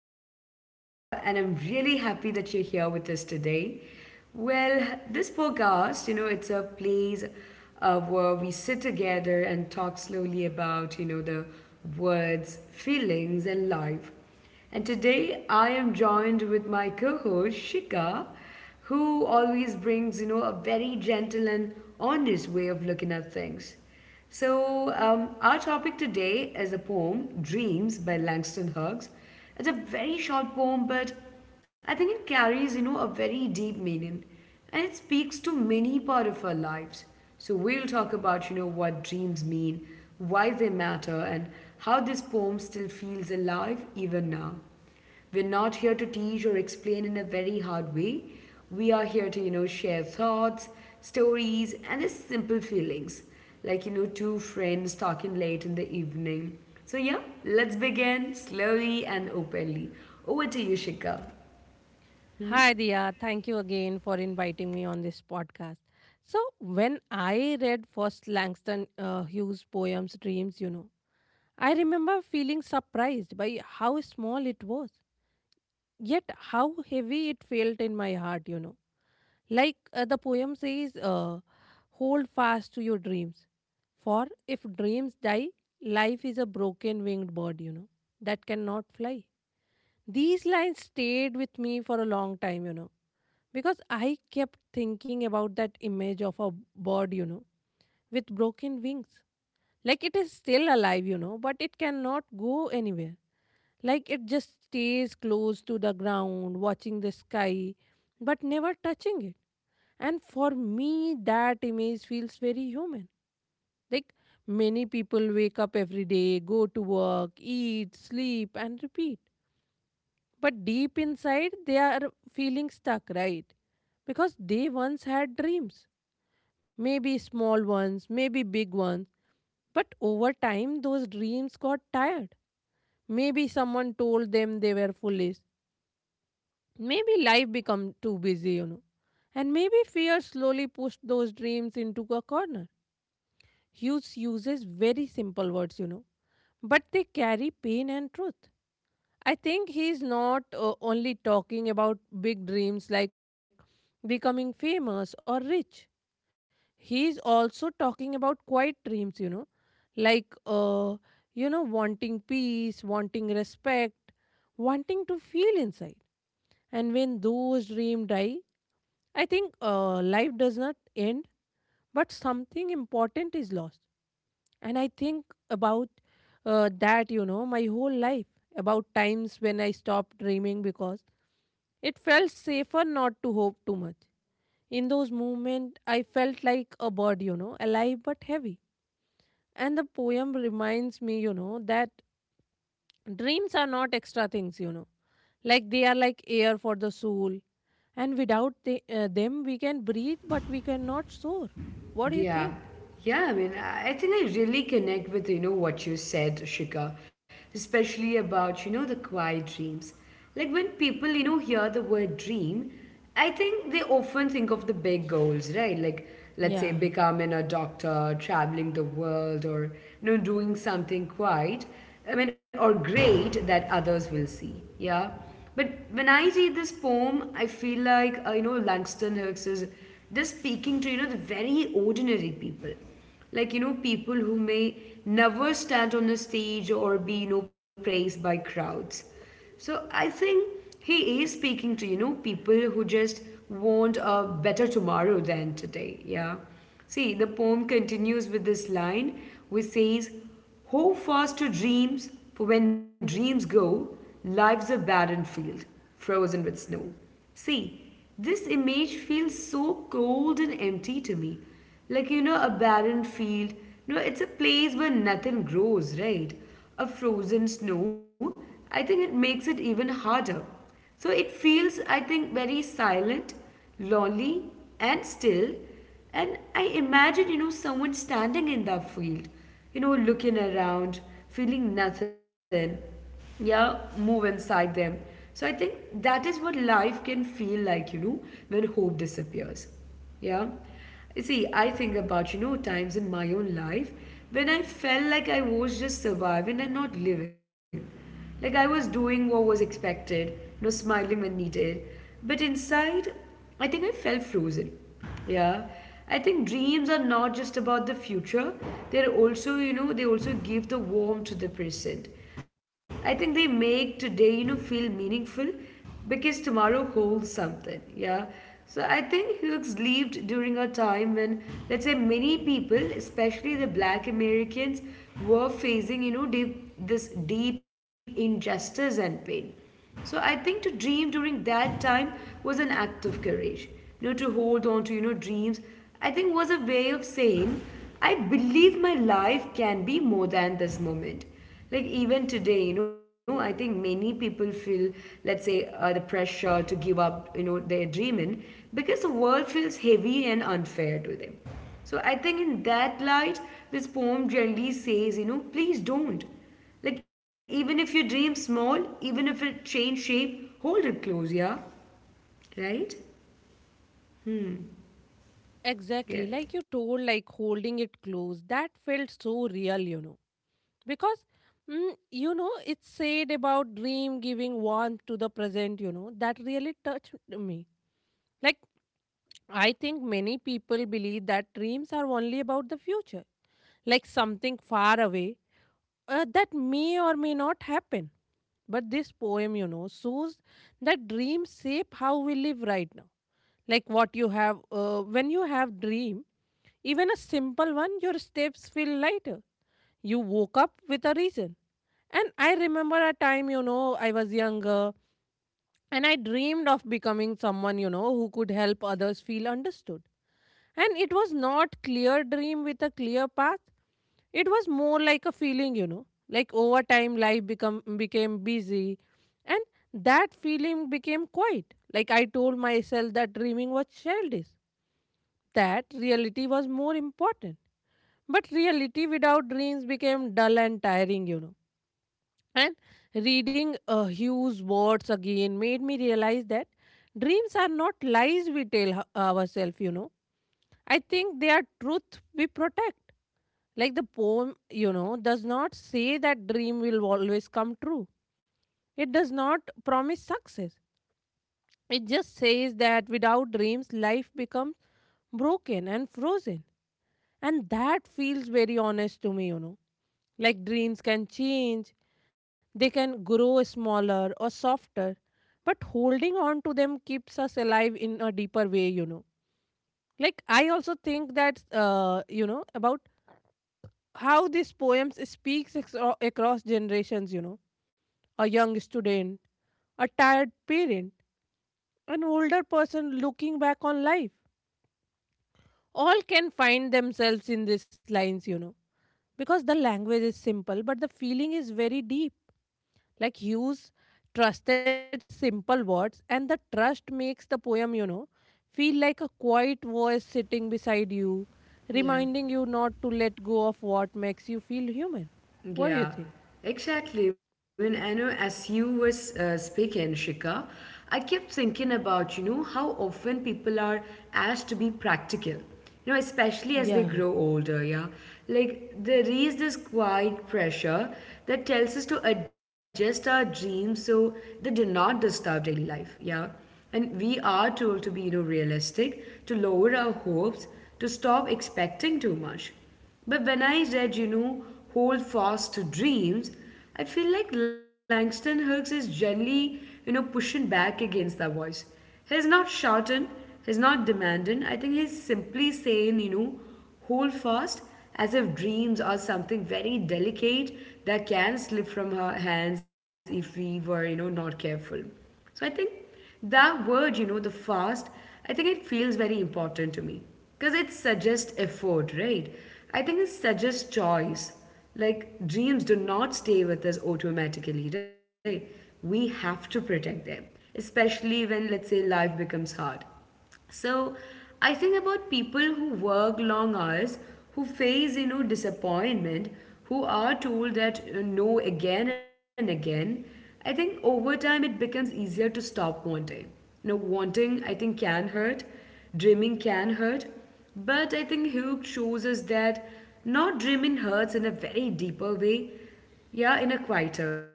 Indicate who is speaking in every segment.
Speaker 1: I am Dia, and I'm really happy that you're here with us today. Well, this podcast, you know, it's a place where we sit together and talk slowly about, you know, the words, feelings, and life. And today I am joined with my co host Shika who always brings, you know, a very gentle and honest way of looking at things. So, our topic today is a poem, Dreams by Langston Hughes. It's a very short poem, but I think it carries, you know, a very deep meaning and it speaks to many part of our lives. So, we'll talk about, you know, what dreams mean, why they matter, and how this poem still feels alive even now. We're not here to teach or explain in a very hard way. We are here to, you know, share thoughts, stories, and just simple feelings. Like, you know, two friends talking late in the evening. So, yeah, let's begin slowly and openly. Over to you, Shika.
Speaker 2: Hi, Dia. Thank you again for inviting me on this podcast. So, when I read first Langston Hughes' poems, Dreams, you know, I remember feeling surprised by how small it was, yet how heavy it felt in my heart, you know. Like the poem says, hold fast to your dreams. For if dreams die, life is a broken winged bird, you know, that cannot fly. These lines stayed with me for a long time, you know, because I kept thinking about that image of a bird, you know, with broken wings. Like it is still alive, you know, but it cannot go anywhere. Like it just stays close to the ground, watching the sky, but never touching it. And for me, that image feels very human. Like many people wake up every day, go to work, eat, sleep, and repeat. But deep inside, they are feeling stuck, right? Because they once had dreams maybe small ones, maybe big ones. But over time, those dreams got tired. Maybe someone told them they were foolish. Maybe life became too busy. And maybe fear slowly pushed those dreams into a corner. Hughes uses very simple words, you know, but they carry pain and truth. I think he's not only talking about big dreams like becoming famous or rich. He's also talking about quiet dreams, like wanting peace, wanting respect, wanting to feel inside. And when those dreams die, I think life does not end, but something important is lost. And I think about that, you know, my whole life, about times when I stopped dreaming because it felt safer not to hope too much. In those movements, I felt like a bird, you know, alive but heavy. And the poem reminds me, you know, that dreams are not extra things, you know, like they are like air for the soul. And without them, we can breathe, but we cannot soar. What do you
Speaker 1: Yeah.
Speaker 2: think?
Speaker 1: Yeah, I mean, I think I really connect with, you know, what you said, Shika, especially about, you know, the quiet dreams. Like when people, you know, hear the word dream, I think they often think of the big goals, right? Like, let's say,
Speaker 2: Yeah,
Speaker 1: becoming a doctor, traveling the world, or, you know, doing something quite, I mean, or great that others will see. Yeah. But when I read this poem, I feel like, you know, Langston Hughes is just speaking to, you know, the very ordinary people. Like, you know, people who may never stand on a stage or be, you know, praised by crowds. So I think he is speaking to, you know, people who just want a better tomorrow than today. Yeah. See, the poem continues with this line which says, hold fast to dreams, for when dreams go, life's a barren field, frozen with snow. See, this image feels so cold and empty to me. Like, you know, a barren field, you know, it's a place where nothing grows, right? A frozen snow, I think it makes it even harder. So it feels, I think, very silent, lonely, and still. And I imagine, you know, someone standing in that field, you know, looking around, feeling nothing, yeah, move inside them. So I think that is what life can feel like, you know, when hope disappears. Yeah. You see, I think about, you know, times in my own life when I felt like I was just surviving and not living. Like I was doing what was expected, you know, smiling when needed. But inside, I think I felt frozen. Yeah. I think dreams are not just about the future, they're also, you know, they also give the warmth to the present. I think they make today, you know, feel meaningful because tomorrow holds something. Yeah. So I think Hughes lived during a time when, let's say, many people, especially the Black Americans, were facing, you know, deep, this deep injustice and pain. So I think to dream during that time was an act of courage. You know, to hold on to, you know, dreams, I think was a way of saying, I believe my life can be more than this moment. Like even today, you know, I think many people feel, let's say, the pressure to give up, you know, their dreaming because the world feels heavy and unfair to them. So I think in that light, this poem generally says, you know, please don't. Like even if you dream small, even if it change shape, hold it close, yeah, right?
Speaker 2: exactly. Like you
Speaker 1: Yeah.
Speaker 2: told, like holding it close, that felt so real, you know. Because, you know, it's said about dream giving warmth to the present, you know, that really touched me. Like I think many people believe that dreams are only about the future, like something far away that may or may not happen. But this poem, you know, shows that dreams shape how we live right now. Like what you have, when you have dream, even a simple one, your steps feel lighter. You woke up with a reason. And I remember a time, you know, I was younger and I dreamed of becoming someone, you know, who could help others feel understood. And it was not clear dream with a clear path. It was more like a feeling, you know. Like over time life become became busy and that feeling became quiet. Like I told myself that dreaming was childish. That reality was more important. But reality without dreams became dull and tiring, you know, and reading Hugh's words again made me realize that dreams are not lies we tell ourselves, you know. I think they are truth we protect. Like the poem, you know, does not say that dream will always come true. It does not promise success. It just says that without dreams, life becomes broken and frozen. And that feels very honest to me, you know. Like dreams can change, they can grow smaller or softer, but holding on to them keeps us alive in a deeper way, you know. Like I also think that, you know, about how these poems across generations, you know. A young student, a tired parent, an older person looking back on life. All can find themselves in these lines, you know, because the language is simple, but the feeling is very deep. Like Hughes trusted simple words, and the trust makes the poem, you know, feel like a quiet voice sitting beside you, reminding you
Speaker 1: Yeah.
Speaker 2: not to let go of what makes you feel human. What do you think?
Speaker 1: Yeah, exactly. When I know as you was speaking, Shika, I kept thinking about you know how often people are asked to be practical, you know, especially as they
Speaker 2: Yeah.
Speaker 1: grow older. Yeah, like there is this quiet pressure that tells us to adjust our dreams so they do not disturb daily life. Yeah. And we are told to be, you know, realistic, to lower our hopes, to stop expecting too much. But when I read, you know, Hold Fast to Dreams, I feel like Langston Hughes is gently, you know, pushing back against that voice. He's not shouting, he's not demanding. I think he's simply saying, you know, hold fast as if dreams are something very delicate that can slip from her hands if we were, you know, not careful. So I think that word, you know, the fast, I think it feels very important to me because it suggests effort, right? I think it suggests choice. Like dreams do not stay with us automatically, right? We have to protect them, especially when, let's say, life becomes hard. So I think about people who work long hours, who face, you know, disappointment, who are told that no again and again. I think over time it becomes easier to stop wanting. You know, wanting I think can hurt, dreaming can hurt, but I think Hugh shows us that not dreaming hurts in a very deeper way yeah, in a quieter way.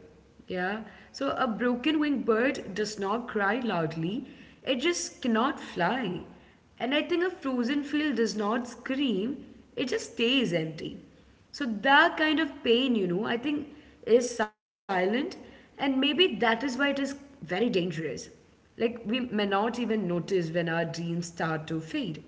Speaker 1: Yeah. So a broken winged bird does not cry loudly, it just cannot fly. And I think a frozen field does not scream, it just stays empty. So that kind of pain, you know, I think is silent, and maybe that is why it is very dangerous. Like we may not even notice when our dreams start to fade.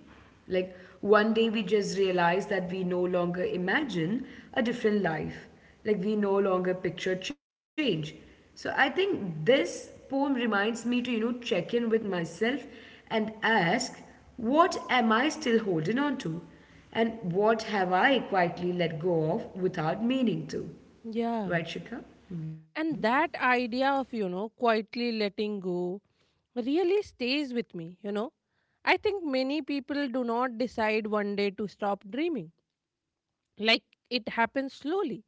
Speaker 1: Like one day we just realize that we no longer imagine a different life. Like we no longer picture change. So I think this poem reminds me to, you know, check in with myself and ask, what am I still holding on to? And what have I quietly let go of without meaning to? Right,
Speaker 2: Yeah.
Speaker 1: Shikha?
Speaker 2: And that idea of, you know, quietly letting go really stays with me, you know. I think many people do not decide one day to stop dreaming. Like it happens slowly,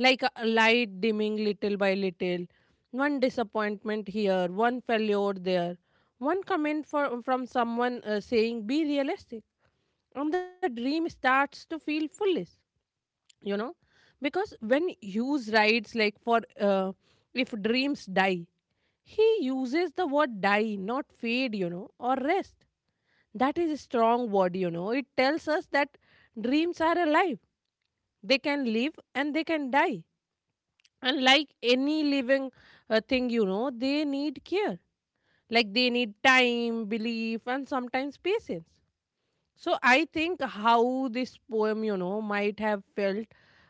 Speaker 2: like a light dimming little by little, one disappointment here, one failure there, one comment from someone saying, be realistic. And the dream starts to feel foolish, you know, because when Hughes writes, like, for if dreams die, he uses the word die, not fade, you know, or rest. That is a strong word, you know. It tells us that dreams are alive, they can live and they can die. And like any living thing, you know, they need care. Like they need time, belief, and sometimes patience. So I think how this poem, you know, might have felt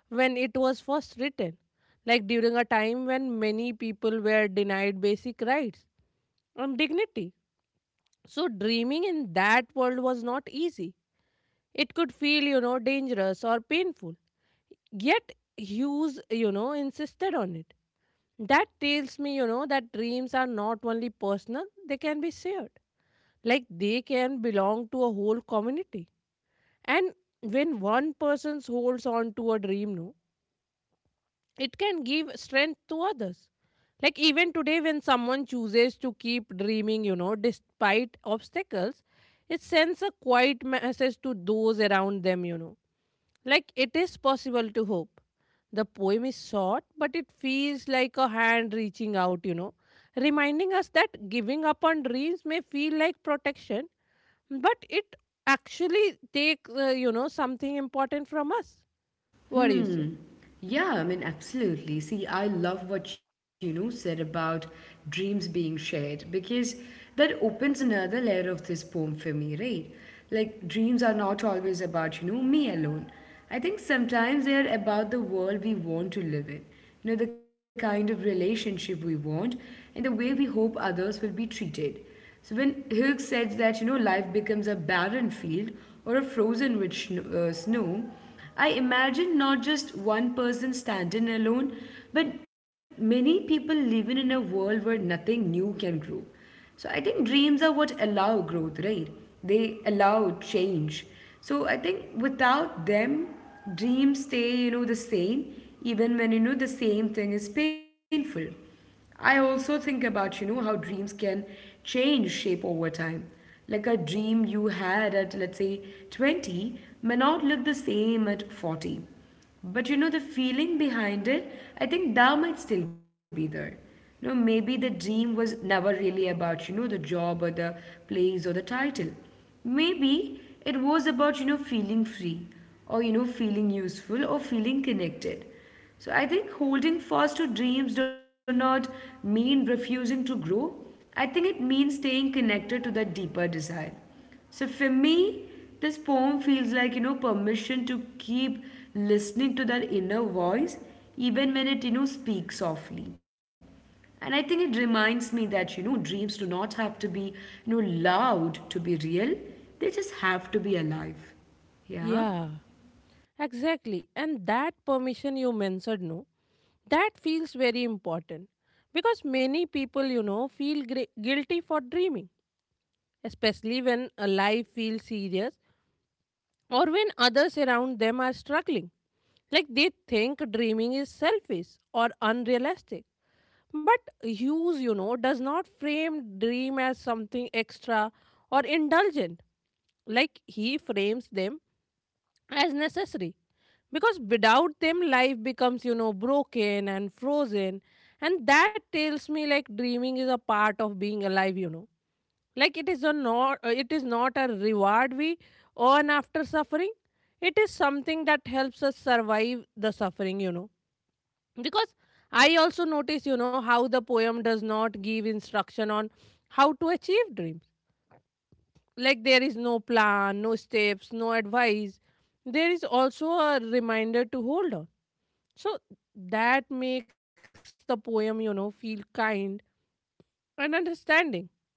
Speaker 2: when it was first written, like during a time when many people were denied basic rights and dignity. So dreaming in that world was not easy. It could feel, you know, dangerous or painful. Yet Hughes, you know, insisted on it. That tells me, you know, that dreams are not only personal, they can be shared. Like they can belong to a whole community. And when one person holds on to a dream, no, it can give strength to others. Like even today, when someone chooses to keep dreaming, you know, despite obstacles, it sends a quiet message to those around them, you know. Like it is possible to hope. The poem is short, but it feels like a hand reaching out, you know, reminding us that giving up on dreams may feel like protection, but it actually takes you know, something important from us. What do you say?
Speaker 1: Yeah, I mean, absolutely. See, I love what you know said about dreams being shared because that opens another layer of this poem for me, right? Like, dreams are not always about, you know, me alone. I think sometimes they are about the world we want to live in, you know, the kind of relationship we want, and the way we hope others will be treated. So when Hilk says that, you know, life becomes a barren field or a frozen with snow, I imagine not just one person standing alone, but many people living in a world where nothing new can grow. So I think dreams are what allow growth, right? They allow change. So I think without them, dreams stay, you know, the same, even when, you know, the same thing is painful. I also think about, you know, how dreams can change shape over time. Like a dream you had at, let's say, 20 may not look the same at 40. But you know, the feeling behind it, I think that might still be there. You know, maybe the dream was never really about, you know, the job or the place or the title. Maybe it was about, you know, feeling free or, you know, feeling useful or feeling connected. So I think holding fast to dreams do not mean refusing to grow. I think it means staying connected to that deeper desire. So for me, this poem feels like, you know, permission to keep listening to that inner voice, even when it, you know, speaks softly. And I think it reminds me that, you know, dreams do not have to be, you know, loud to be real. They just have to be alive. Yeah?
Speaker 2: Yeah, exactly. And that permission you mentioned, no, that feels very important, because many people, you know, feel guilty for dreaming, especially when a life feels serious or when others around them are struggling. Like they think dreaming is selfish or unrealistic. But use, you know, does not frame dream as something extra or indulgent. Like he frames them as necessary. Because without them, life becomes, you know, broken and frozen. And that tells me, like, dreaming is a part of being alive, you know. Like it is not a reward we earn after suffering. It is something that helps us survive the suffering, you know, because I also notice, you know, how the poem does not give instruction on how to achieve dreams. Like there is no plan, no steps, no advice. There is also a reminder to hold on. So that makes the poem, you know, feel kind and understanding. Like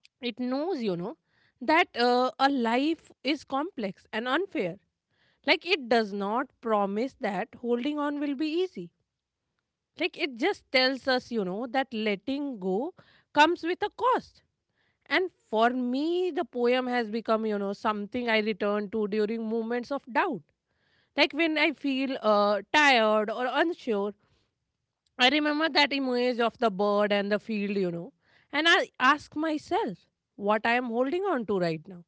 Speaker 2: it knows, you know, that a life is complex and unfair. Like it does not promise that holding on will be easy. Like it just tells us, you know, that letting go comes with a cost. And for me, the poem has become, you know, something I return to during moments of doubt. Like when I feel tired or unsure, I remember that image of the bird and the field, you know, and I ask myself what I am holding on to right now.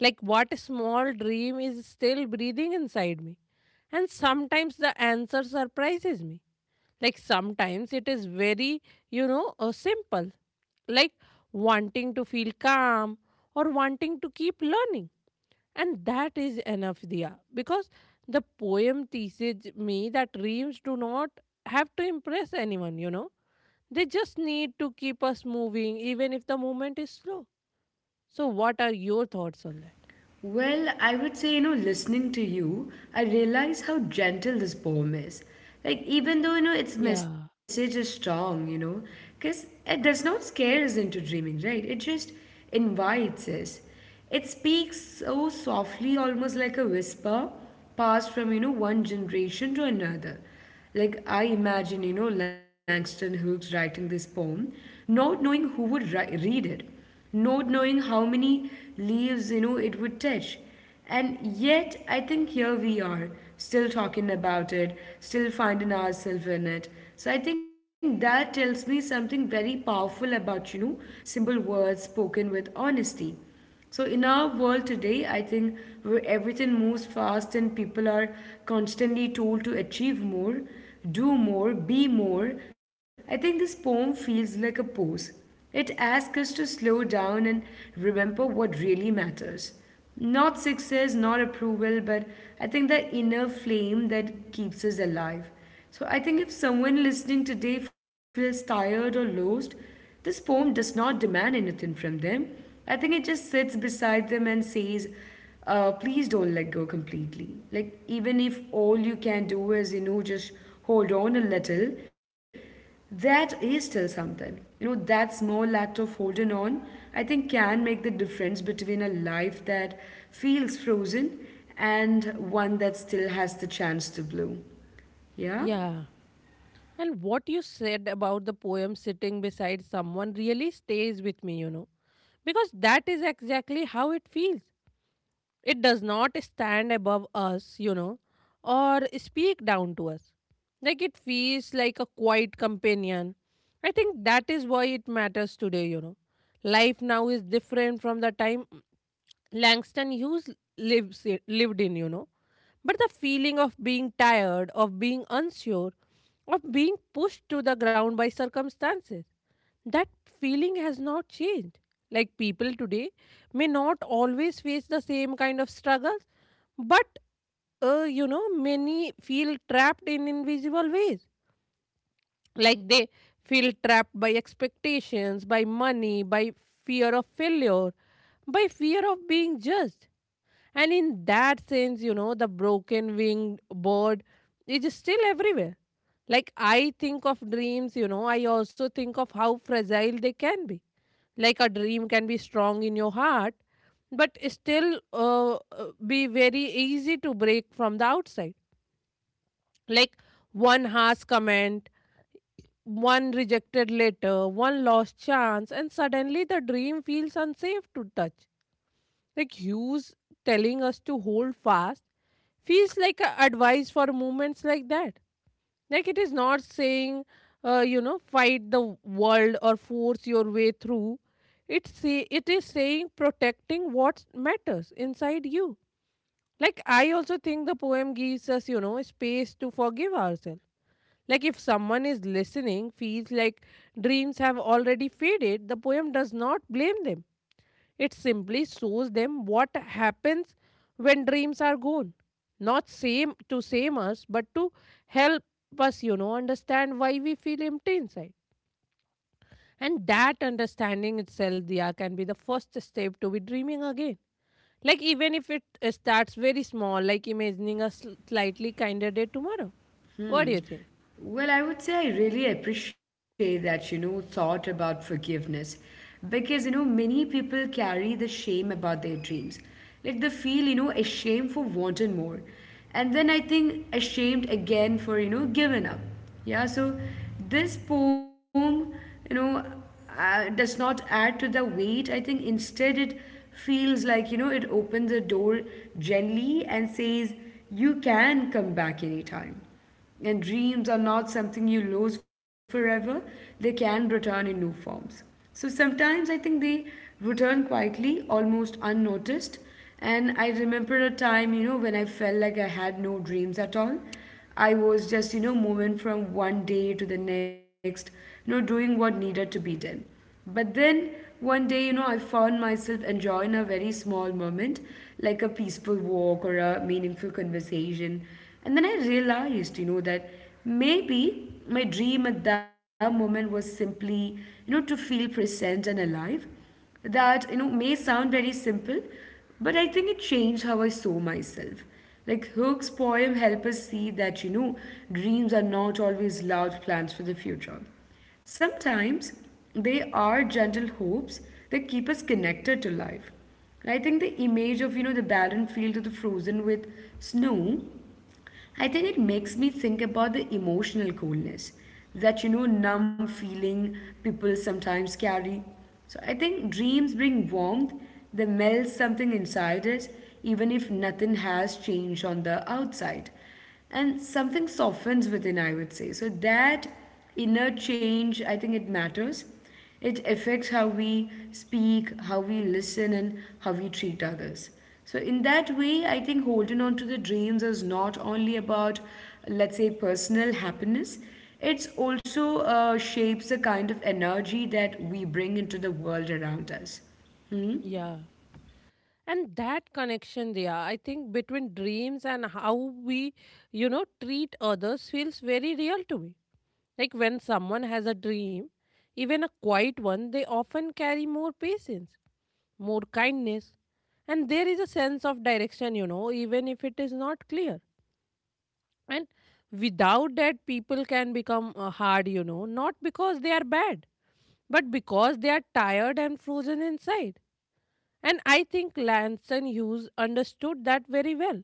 Speaker 2: Like what small dream is still breathing inside me. And sometimes the answer surprises me, like sometimes it is very, you know, simple, like wanting to feel calm or wanting to keep learning. And that is enough, Diya, because the poem teaches me that dreams do not have to impress anyone, you know. They just need to keep us moving, even if the movement is slow. So, what are your thoughts on that?
Speaker 1: Well, I would say, you know, listening to you, I realize how gentle this poem is. Like, even though, you know, its
Speaker 2: Yeah,
Speaker 1: message is strong, you know, because it does not scare us into dreaming, right? It just invites us. It speaks so softly, almost like a whisper passed from, you know, one generation to another. Like, I imagine, you know, Langston Hughes writing this poem, not knowing who would read it not knowing how many leaves you know it would touch and yet I think here we are still talking about it still finding ourselves in it so I think that tells me something very powerful about you know simple words spoken with honesty so in our world today, I think where everything moves fast and people are constantly told to achieve more, do more, be more, I think this poem feels like a pose. It asks us to slow down and remember what really matters. Not success, not approval, but I think the inner flame that keeps us alive. So I think if someone listening today feels tired or lost, this poem does not demand anything from them. I think it just sits beside them and says, please don't let go completely. Like, even if all you can do is, you know, just hold on a little, that is still something. You know, that small act of holding on, I think, can make the difference between a life that feels frozen and one that still has the chance to bloom. Yeah?
Speaker 2: yeah. And what you said about the poem sitting beside someone really stays with me, you know. Because that is exactly how it feels. It does not stand above us, you know, or speak down to us. Like it feels like a quiet companion. I think that is why it matters today, you know. Life now is different from the time Langston Hughes lived in, you know. But the feeling of being tired, of being unsure, of being pushed to the ground by circumstances, that feeling has not changed. Like people today may not always face the same kind of struggles, but you know, many feel trapped in invisible ways, like they feel trapped by expectations, by money, by fear of failure, by fear of being judged. And in that sense, you know, the broken winged bird is still everywhere. Like I think of dreams, you know, I also think of how fragile they can be. Like a dream can be strong in your heart, but still be very easy to break from the outside. Like one harsh comment, one rejected letter, one lost chance, and suddenly the dream feels unsafe to touch. Like Hughes telling us to hold fast feels like a advice for moments like that. Like it is not saying, fight the world or force your way through. It say it is saying protecting what matters inside you. Like, I also think the poem gives us, a space to forgive ourselves. Like, if someone is listening, feels like dreams have already faded, the poem does not blame them. It simply shows them what happens when dreams are gone. Not same to same us, but to help us, understand why we feel empty inside. And that understanding itself, Diya, can be the first step to be dreaming again. Like, even if it starts very small, like imagining a slightly kinder day tomorrow. What do you think?
Speaker 1: Well, I would say I really appreciate that, you know, thought about forgiveness because, you know, many people carry the shame about their dreams. Like they feel, you know, ashamed for wanting more. And then I think ashamed again for, you know, giving up. Yeah, so this poem, you know, does not add to the weight. I think instead it feels like, you know, it opens a door gently and says, you can come back anytime. And dreams are not something you lose forever, they can return in new forms. So sometimes I think they return quietly, almost unnoticed. And I remember a time, you know, when I felt like I had no dreams at all. I was just, you know, moving from one day to the next, you know, doing what needed to be done. But then one day, you know, I found myself enjoying a very small moment, like a peaceful walk or a meaningful conversation. And then I realized, you know, that maybe my dream at that moment was simply, you know, to feel present and alive that you know may sound very simple but I think it changed how I saw myself. Like Hook's poem help us see that, you know, dreams are not always loud plans for the future. Sometimes they are gentle hopes that keep us connected to life. And I think the image of, you know, the barren field of the frozen with snow, I think it makes me think about the emotional coldness, that, you know, numb feeling people sometimes carry. So I think dreams bring warmth, they melt something inside us, even if nothing has changed on the outside and something softens within, I would say. So that inner change, I think it matters. It affects how we speak, how we listen and how we treat others. So in that way I think holding on to the dreams is not only about, let's say, personal happiness. It's also shapes the kind of energy that we bring into the world around us. Hmm.
Speaker 2: Yeah. And that connection, Diya, I think between dreams and how we treat others feels very real to me. Like, when someone has a dream, even a quiet one, they often carry more patience, more kindness, and there is a sense of direction, you know, even if it is not clear. And without that, people can become hard, you know, not because they are bad, but because they are tired and frozen inside. And I think Langston Hughes understood that very well.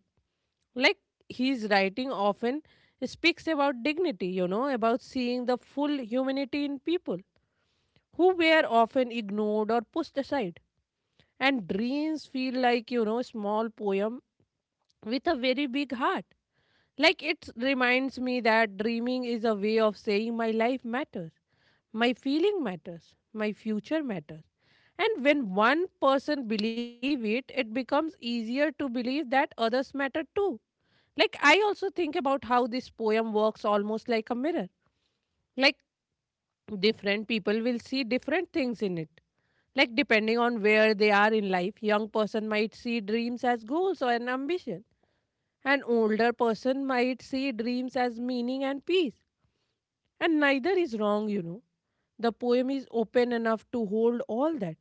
Speaker 2: Like his writing often speaks about dignity, you know, about seeing the full humanity in people who were often ignored or pushed aside. And dreams feel like, you know, small poem with a very big heart. Like it reminds me that dreaming is a way of saying my life matters, my feeling matters, my future matters. And when one person believe it, it becomes easier to believe that others matter too. Like I also think about how this poem works almost like a mirror. Like different people will see different things in it, like depending on where they are in life. Young person might see dreams as goals or an ambition, an older person might see dreams as meaning and peace. And neither is wrong, you know, the poem is open enough to hold all that.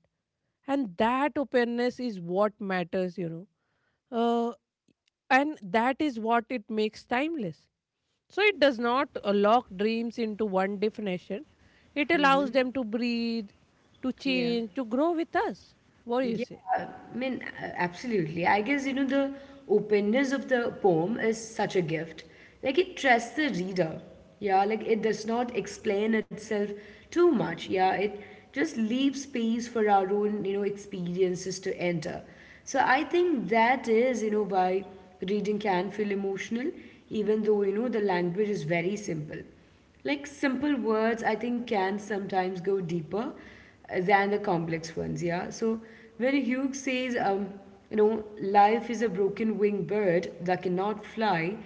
Speaker 2: And that openness is what matters, uh, and that is what it makes timeless. So it does not lock dreams into one definition. It allows them to breathe, to
Speaker 1: Yeah.
Speaker 2: change, to grow with us. What do you say?
Speaker 1: I mean, absolutely. I guess, you know, the openness of the poem is such a gift. Like, it trusts the reader. Yeah, like, it does not explain itself too much. Yeah, it just leaves space for our own, you know, experiences to enter. So I think that is, you know, why reading can feel emotional, even though, you know, the language is very simple. Like simple words, I think, can sometimes go deeper than the complex ones, yeah. So when Hugh says, you know, life is a broken winged bird that cannot fly,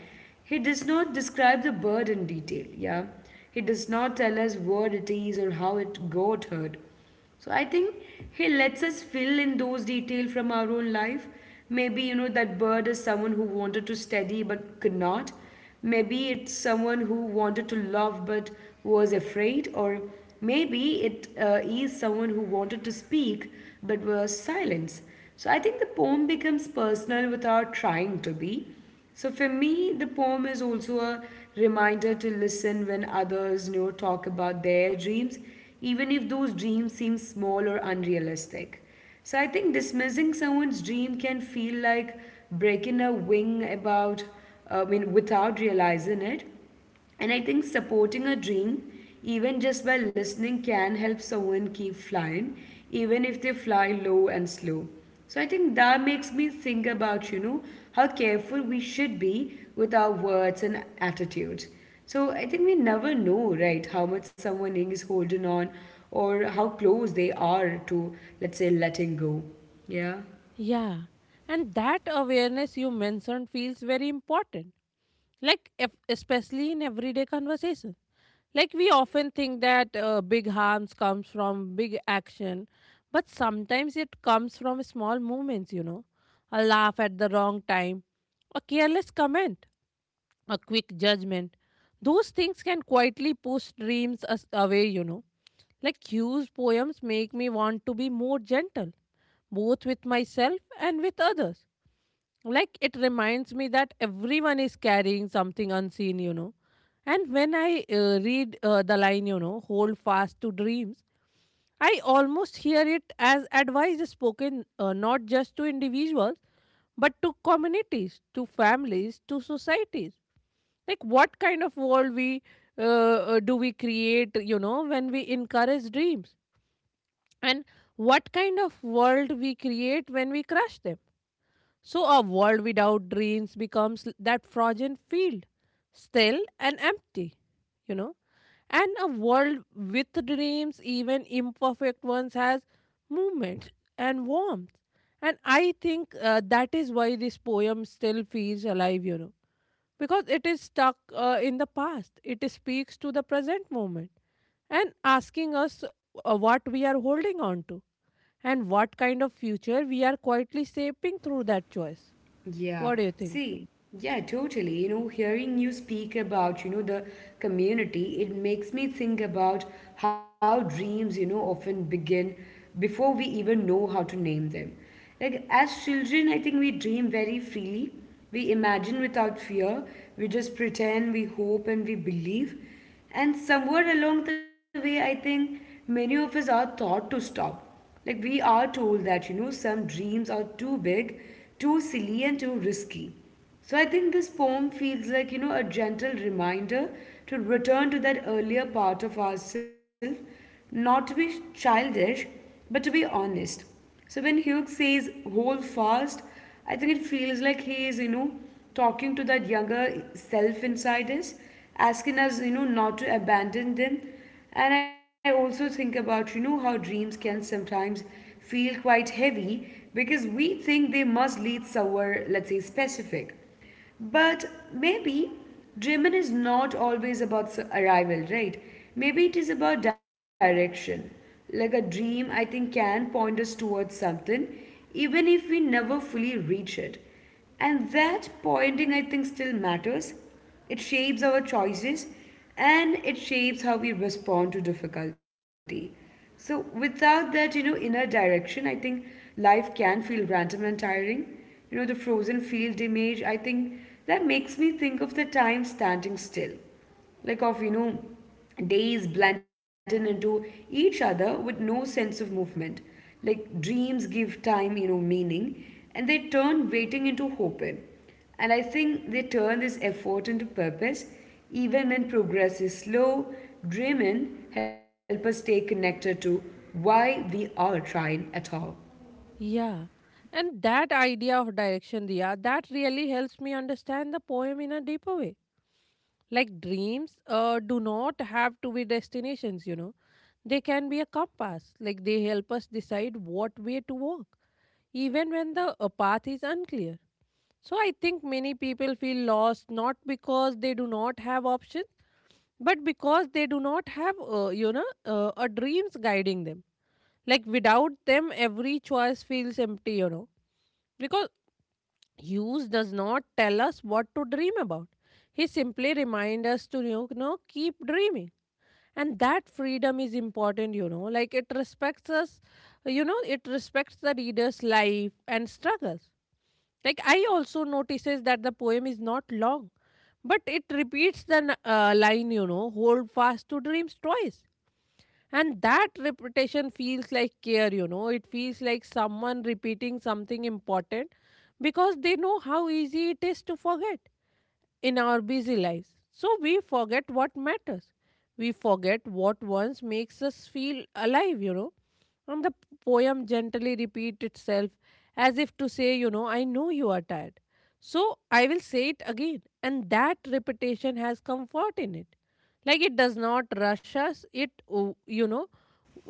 Speaker 1: he does not describe the bird in detail, yeah. He does not tell us what it is or how it got hurt. So I think he lets us fill in those details from our own life. Maybe, you know, that bird is someone who wanted to study but could not. Maybe it's someone who wanted to love but was afraid. Or maybe it is someone who wanted to speak but was silent. So I think the poem becomes personal without trying to be. So for me, the poem is also a reminder to listen when others, you know, talk about their dreams, even if those dreams seem small or unrealistic. So I think dismissing someone's dream can feel like breaking a wing about, I mean, without realizing it. And I think supporting a dream, even just by listening, can help someone keep flying, even if they fly low and slow. So I think that makes me think about, you know, how careful we should be with our words and attitude. So I think we never know, right, how much someone is holding on or how close they are to, let's say, letting go. Yeah.
Speaker 2: Yeah. And that awareness you mentioned feels very important, like if especially in everyday conversation. Like we often think that big harms comes from big action, but sometimes it comes from small movements, you know, a laugh at the wrong time, a careless comment, a quick judgment. Those things can quietly push dreams away, you know. Like Hugh's poems make me want to be more gentle, both with myself and with others. Like it reminds me that everyone is carrying something unseen, you know. And when I read the line, you know, hold fast to dreams, I almost hear it as advice spoken not just to individuals but to communities, to families, to societies. Like what kind of world we do we create, you know, when we encourage dreams, and what kind of world we create when we crush them. So a world without dreams becomes that frozen field, still and empty, you know. And a world with dreams, even imperfect ones, has movement and warmth. And I think that is why this poem still feels alive, you know, because it is stuck in the past. It speaks to the present moment and asking us what we are holding on to, and what kind of future we are quietly shaping through that choice.
Speaker 1: Yeah,
Speaker 2: What do you think?
Speaker 1: see, yeah, totally. You know, hearing you speak about, you know, the community, it makes me think about how dreams, you know, often begin before we even know how to name them. Like, as children, I think we dream very freely. We imagine without fear. We just pretend, we hope, and we believe. And somewhere along the way, I think many of us are taught to stop, like we are told that, you know, some dreams are too big, too silly and too risky. So I think this poem feels like, you know, a gentle reminder to return to that earlier part of ourselves, not to be childish, but to be honest. So when Hugh says hold fast, I think it feels like he is, you know, talking to that younger self inside us, asking us, you know, not to abandon them. And I also think about, you know, how dreams can sometimes feel quite heavy because we think they must lead somewhere, let's say, specific. But maybe dreaming is not always about arrival, right? Maybe it is about direction. Like a dream, I think, can point us towards something, even if we never fully reach it. And that pointing, I think, still matters. It shapes our choices and it shapes how we respond to difficulty. So, without that, you know, inner direction, I think life can feel random and tiring. You know, the frozen field image, I think that makes me think of the time standing still, like of, you know, days blending into each other with no sense of movement. Like dreams give time, you know, meaning, and they turn waiting into hoping, and I think they turn this effort into purpose. Even when progress is slow, dreaming help us stay connected to why we are trying at all.
Speaker 2: Yeah. And that idea of direction, Diya, that really helps me understand the poem in a deeper way. Like dreams do not have to be destinations, you know. They can be a compass. Like they help us decide what way to walk, even when the path is unclear. So I think many people feel lost not because they do not have options, but because they do not have, a dreams guiding them, like without them every choice feels empty, you know, because Hughes does not tell us what to dream about. He simply reminds us to, you know, keep dreaming. And that freedom is important, you know, like it respects us, you know, it respects the reader's life and struggles. Like I also notices that the poem is not long, but it repeats the line, you know, hold fast to dreams twice, and that repetition feels like care, you know. It feels like someone repeating something important because they know how easy it is to forget in our busy lives. So we forget what matters. We forget what once makes us feel alive, you know. And the poem gently repeats itself as if to say, you know, I know you are tired. So I will say it again. And that repetition has comfort in it, like it does not rush us. it o- you know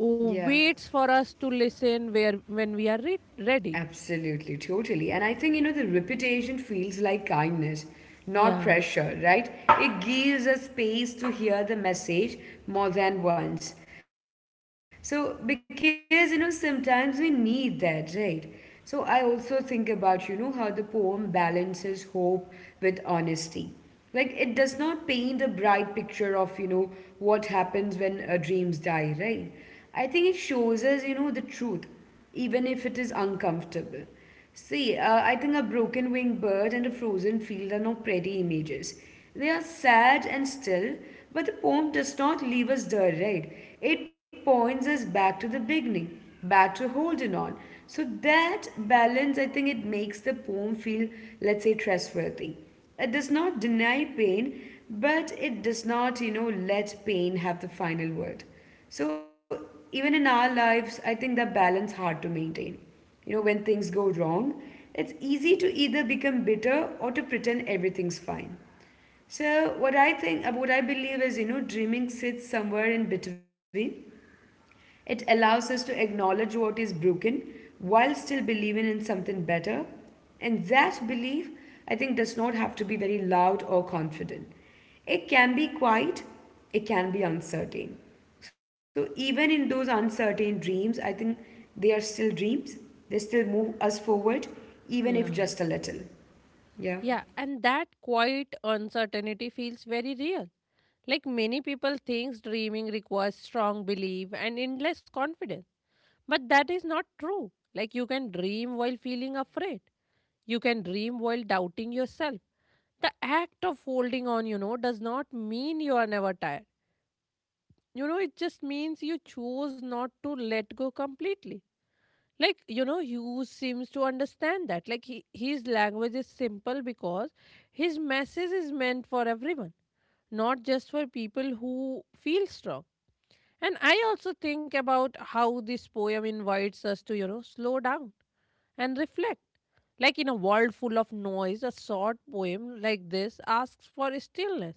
Speaker 2: o-
Speaker 1: Yeah.
Speaker 2: waits for us to listen where when we are ready.
Speaker 1: Absolutely, totally. And I think, you know, the reputation feels like kindness, not
Speaker 2: Yeah.
Speaker 1: pressure, right? It gives us space to hear the message more than once. So, because, you know, sometimes we need that, right? So, I also think about, you know, how the poem balances hope with honesty. Like, it does not paint a bright picture of, you know, what happens when dreams die, right? I think it shows us, you know, the truth even if it is uncomfortable. See, I think a broken winged bird and a frozen field are not pretty images. They are sad and still, but the poem does not leave us there, right? It points us back to the beginning, back to holding on. So that balance, I think it makes the poem feel, let's say, trustworthy. It does not deny pain, but it does not, you know, let pain have the final word. So even in our lives, I think that balance hard to maintain. You know, when things go wrong, it's easy to either become bitter or to pretend everything's fine. So what I think, what I believe is, you know, dreaming sits somewhere in between. It allows us to acknowledge what is broken while still believing in something better. And that belief, I think, does not have to be very loud or confident. It can be quiet, it can be uncertain. So, even in those uncertain dreams, I think they are still dreams. They still move us forward, even if
Speaker 2: yeah
Speaker 1: just a little. Yeah.
Speaker 2: yeah and that quiet uncertainty feels very real. Like many people thinks dreaming requires strong belief and endless confidence, but that is not true. Like you can dream while feeling afraid, you can dream while doubting yourself. The act of holding on, you know, does not mean you are never tired. You know, it just means you chose not to let go completely. Like, you know, Hughes seems to understand that. Like, his language is simple because his message is meant for everyone, not just for people who feel strong. And I also think about how this poem invites us to, you know, slow down and reflect. Like in a world full of noise, a short poem like this asks for stillness.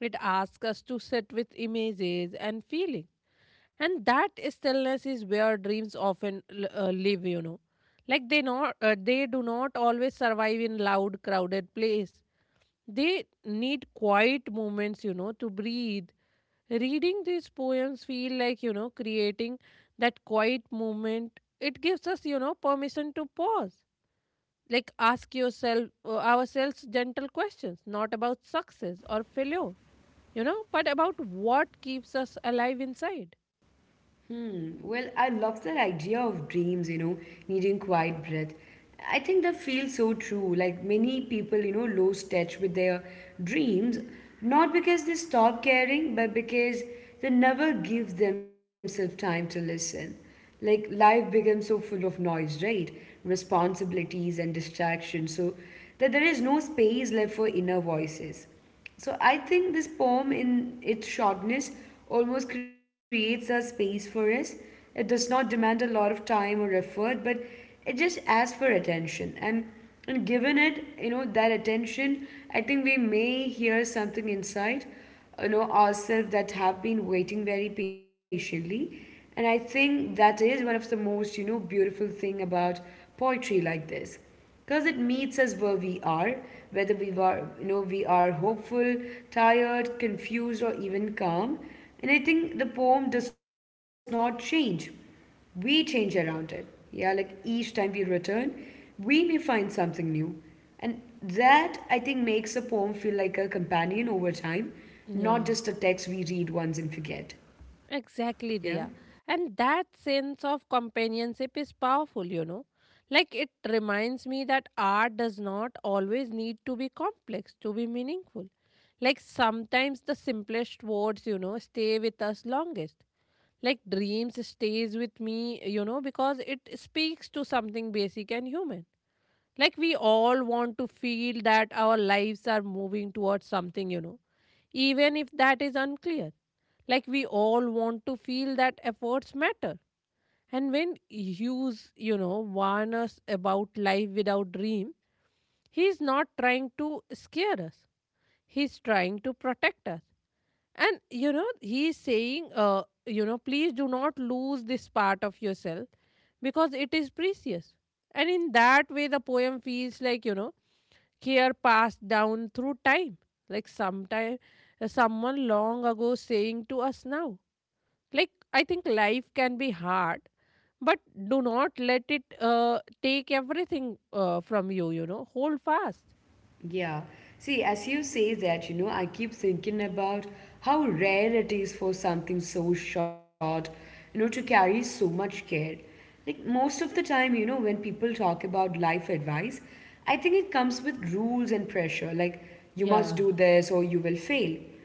Speaker 2: It asks us to sit with images and feeling. And that stillness is where dreams often live, you know. Like they do not always survive in loud crowded place. They need quiet moments, you know, to breathe. Reading these poems feel like, you know, creating that quiet moment. It gives us, you know, permission to pause. Like ask yourself ourselves gentle questions, not about success or failure, you know, but about what keeps us alive inside.
Speaker 1: Hmm. Well, I love that idea of dreams, you know, needing quiet breath. I think that feels so true. Like many people, you know, lose touch with their dreams, not because they stop caring, but because they never give themselves time to listen. Like life becomes so full of noise, right? Responsibilities and distractions, so that there is no space left for inner voices. So I think this poem, in its shortness, almost creates a space for us. It does not demand a lot of time or effort, but it just asks for attention. And given it, you know, that attention, I think we may hear something inside, you know, ourselves that have been waiting very patiently. And I think that is one of the most, you know, beautiful thing about poetry like this because it meets us where we are, whether we are, you know, we are hopeful, tired, confused or even calm. And I think the poem does not change, we change around it. Yeah. Like each time we return we may find something new, and that, I think, makes a poem feel like a companion over time, not
Speaker 2: Yeah.
Speaker 1: just a text we read once and forget. Yeah.
Speaker 2: Exactly, Diya. And that sense of companionship is powerful, you know. Like it reminds me that art does not always need to be complex to be meaningful. Like sometimes the simplest words, you know, stay with us longest. Like dreams stays with me, you know, because it speaks to something basic and human. Like we all want to feel that our lives are moving towards something, you know, even if that is unclear. Like we all want to feel that efforts matter. And when Hughes, you know, warn us about life without dream, he's not trying to scare us. He's trying to protect us. And you know, he is saying, please do not lose this part of yourself because it is precious. And in that way, the poem feels like, you know, care passed down through time. Like sometime, someone long ago saying to us now. Like, I think life can be hard, but do not let it take everything from you, you know, hold fast.
Speaker 1: Yeah. See, as you say that, you know, I keep thinking about how rare it is for something so short, you know, to carry so much care. Like most of the time, you know, when people talk about life advice, I think it comes with rules and pressure, like you
Speaker 2: Yeah.
Speaker 1: must do this or you will fail.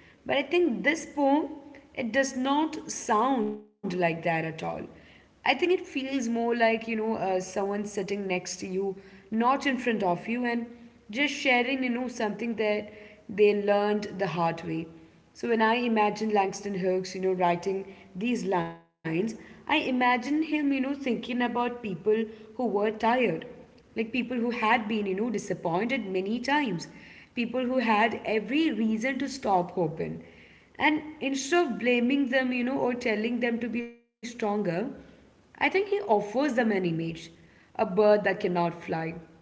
Speaker 1: But I think this poem, it does not sound like that at all. I think it feels more like, someone sitting next to you, not in front of you, and just sharing, something that they learned the hard way. So when I imagine Langston Hughes, writing these lines, I imagine him, thinking about people who were tired, like people who had been, disappointed many times, people who had every reason to stop hoping. And instead of blaming them, or telling them to be stronger, I think he offers them an image: a bird that cannot fly,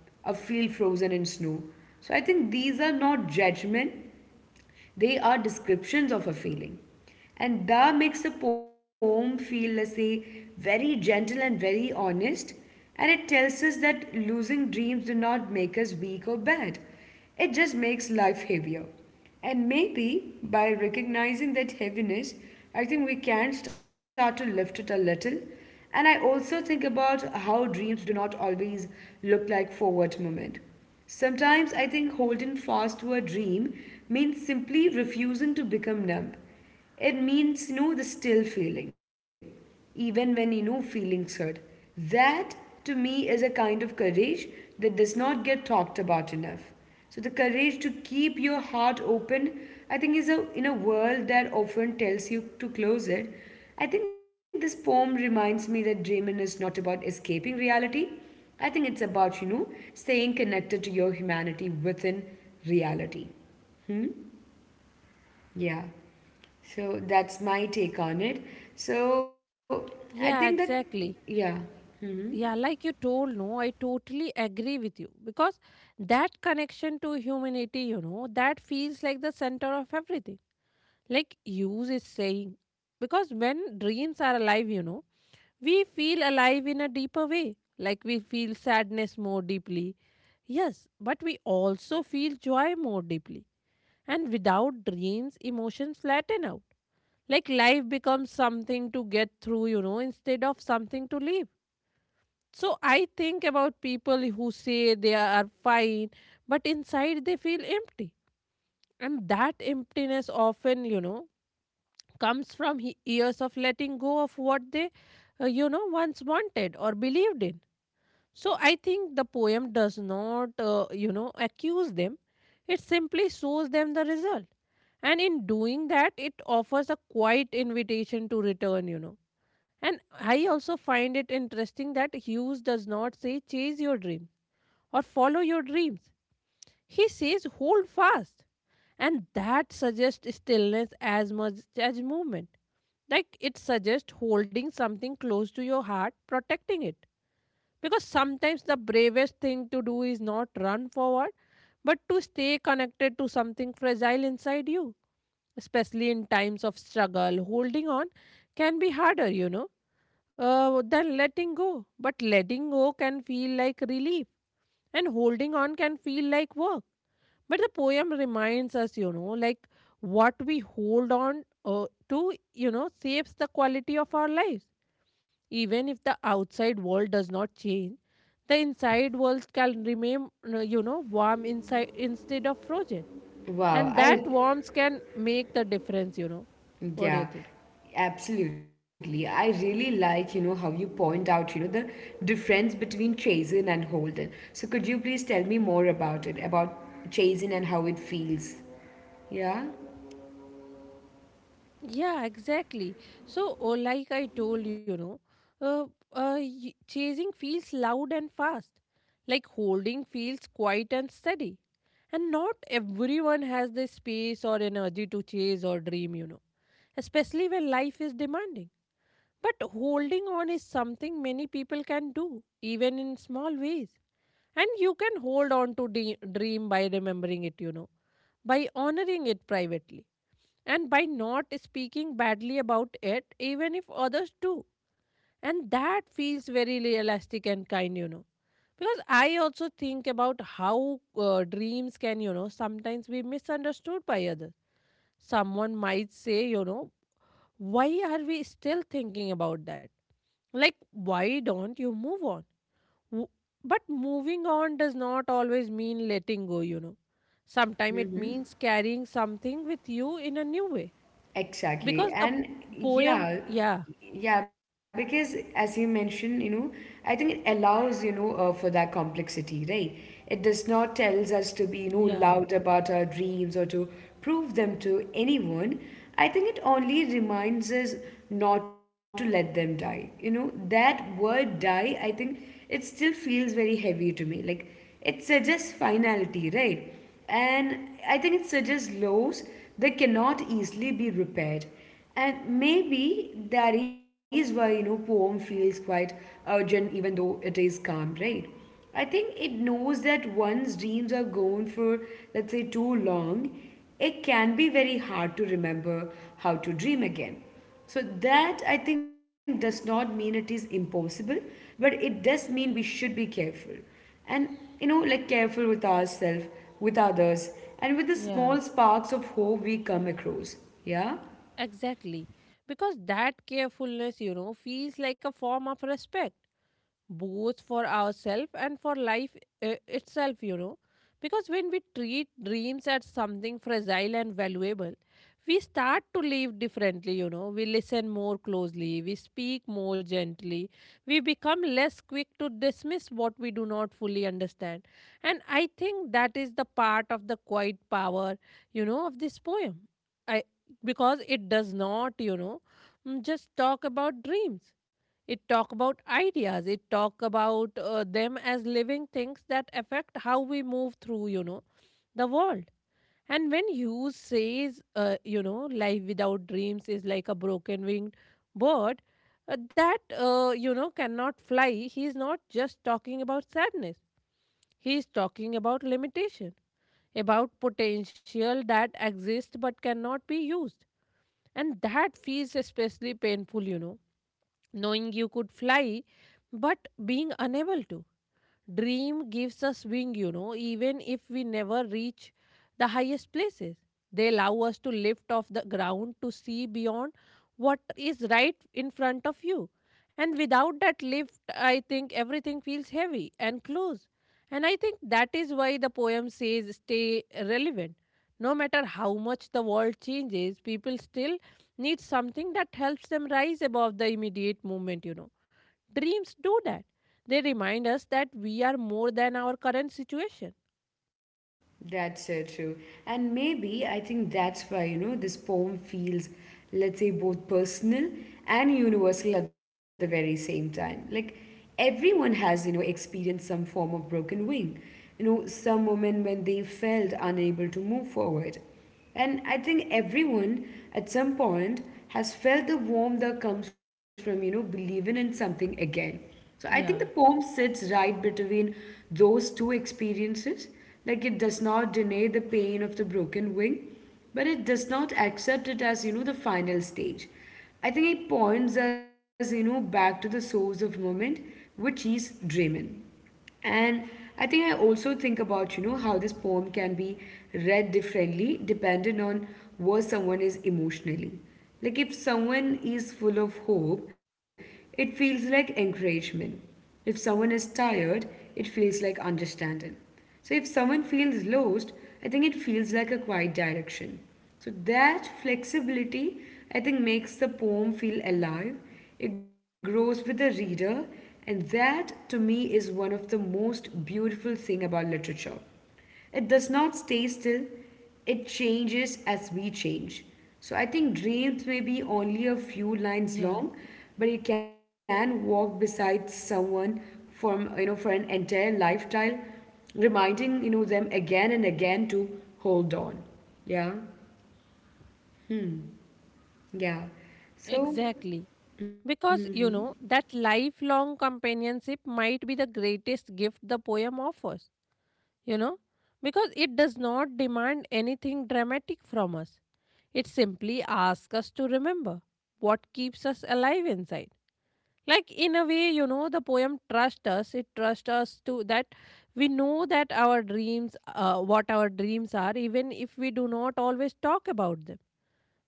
Speaker 1: a field frozen in snow. So I think these are not judgment, they are descriptions of a feeling. And da makes a poem feel, let's say, very gentle and very honest. And it tells us that losing dreams do not make us weak or bad. It just makes life heavier. And maybe by recognizing that heaviness, I think we can start to lift it a little. And I also think about how dreams do not always look like forward movement. Sometimes I think holding fast to a dream means simply refusing to become numb. It means, the still feeling, even when, feelings hurt. That, to me, is a kind of courage that does not get talked about enough. So the courage to keep your heart open, I think, is in a world that often tells you to close it. I think this poem reminds me that dreaming is not about escaping reality. I think it's about, staying connected to your humanity within reality. Hmm? Yeah. So that's my take on it. So I think that,
Speaker 2: Yeah, exactly.
Speaker 1: yeah. Hmm.
Speaker 2: Yeah, like you told, no, I totally agree with you because that connection to humanity, you know, that feels like the center of everything. Like use is saying, because when dreams are alive, you know, we feel alive in a deeper way. Like we feel sadness more deeply. Yes, but we also feel joy more deeply. And without dreams, emotions flatten out. Like life becomes something to get through, you know, instead of something to live. So I think about people who say they are fine, but inside they feel empty. And that emptiness often, you know, comes from years of letting go of what they, once wanted or believed in. So I think the poem does not, accuse them. It simply shows them the result. And in doing that, it offers a quiet invitation to return, you know. And I also find it interesting that Hughes does not say chase your dream or follow your dreams. He says hold fast. And that suggests stillness as much as movement. Like it suggests holding something close to your heart, protecting it, because sometimes the bravest thing to do is not run forward, but to stay connected to something fragile inside you. Especially in times of struggle, holding on can be harder, you know, than letting go. But letting go can feel like relief, and holding on can feel like work. But the poem reminds us, like what we hold on to, shapes the quality of our lives, even if the outside world does not change. The inside walls can remain, warm inside instead of frozen.
Speaker 1: Wow.
Speaker 2: And that warmth can make the difference. What do you
Speaker 1: Yeah.
Speaker 2: think?
Speaker 1: Absolutely. I really like, how you point out, the difference between chasing and holding. So could you please tell me more about it, about chasing and how it feels? Yeah.
Speaker 2: Yeah, exactly. So, oh, like I told uh, chasing feels loud and fast, like holding feels quiet and steady. And not everyone has the space or energy to chase or dream, especially when life is demanding. But holding on is something many people can do, even in small ways. And you can hold on to dream by remembering it, by honoring it privately, and by not speaking badly about it, even if others do. And that feels very realistic and kind. Because I also think about how dreams can, sometimes be misunderstood by others. Someone might say, why are we still thinking about that? Like, why don't you move on? W- But moving on does not always mean letting go. Sometimes it means carrying something with you in a new way.
Speaker 1: Exactly.
Speaker 2: Because the
Speaker 1: And
Speaker 2: poem,
Speaker 1: yeah,
Speaker 2: yeah,
Speaker 1: yeah, because as you mentioned, I think it allows, for that complexity, right? It does not tells us to be,
Speaker 2: yeah,
Speaker 1: loud about our dreams or to prove them to anyone. I think it only reminds us not to let them die. That word die, I think it still feels very heavy to me. Like it suggests finality, right? And I think it suggests laws that cannot easily be repaired. And maybe that is why poem feels quite urgent, even though it is calm, right? I think it knows that one's dreams are gone for, let's say, too long, it can be very hard to remember how to dream again. So that I think does not mean it is impossible, but it does mean we should be careful, and like careful with ourselves, with others, and with the
Speaker 2: yeah,
Speaker 1: small sparks of hope we come across. Yeah.
Speaker 2: exactly. Because that carefulness, feels like a form of respect, both for ourselves and for life itself. Because when we treat dreams as something fragile and valuable, we start to live differently. We listen more closely, we speak more gently, we become less quick to dismiss what we do not fully understand. And I think that is the part of the quiet power, of this poem. I Because it does not, just talk about dreams, it talk about ideas. It talk about them as living things that affect how we move through, the world. And when Hughes says, life without dreams is like a broken winged bird that, cannot fly, he is not just talking about sadness. He is talking about limitation, about potential that exists but cannot be used. And that feels especially painful, knowing you could fly but being unable to. Dream gives us wing, even if we never reach the highest places. They allow us to lift off the ground to see beyond what is right in front of you. And without that lift, I think everything feels heavy and close. And I think that is why the poem says stay relevant. No matter how much the world changes, people still need something that helps them rise above the immediate moment. Dreams do that. They remind us that we are more than our current situation.
Speaker 1: That's so true. And maybe I think that's why, this poem feels, let's say, both personal and universal at the very same time. Like everyone has, experienced some form of broken wing, some moment when they felt unable to move forward. And I think everyone at some point has felt the warmth that comes from, believing in something again. So I think the
Speaker 2: Yeah,
Speaker 1: poem sits right between those two experiences. Like it does not deny the pain of the broken wing, but it does not accept it as, the final stage. I think it points us, back to the source of moment, which is dreaming. And I think I also think about, how this poem can be read differently depending on where someone is emotionally. Like if someone is full of hope, it feels like encouragement. If someone is tired, it feels like understanding. So if someone feels lost, I think it feels like a quiet direction. So that flexibility, I think, makes the poem feel alive. It grows with the reader, and that to me is one of the most beautiful thing about literature. It does not stay still, it changes as we change. So I think dreams may be only a few
Speaker 2: yeah,
Speaker 1: lines long, but you can walk beside someone for for an entire lifetime, reminding them again and again to hold on. Yeah, yeah. So
Speaker 2: exactly. Because, that lifelong companionship might be the greatest gift the poem offers, you know, because it does not demand anything dramatic from us. It simply asks us to remember what keeps us alive inside. Like, in a way, the poem trusts us. It trusts us to, that we know that our dreams, what our dreams are, even if we do not always talk about them.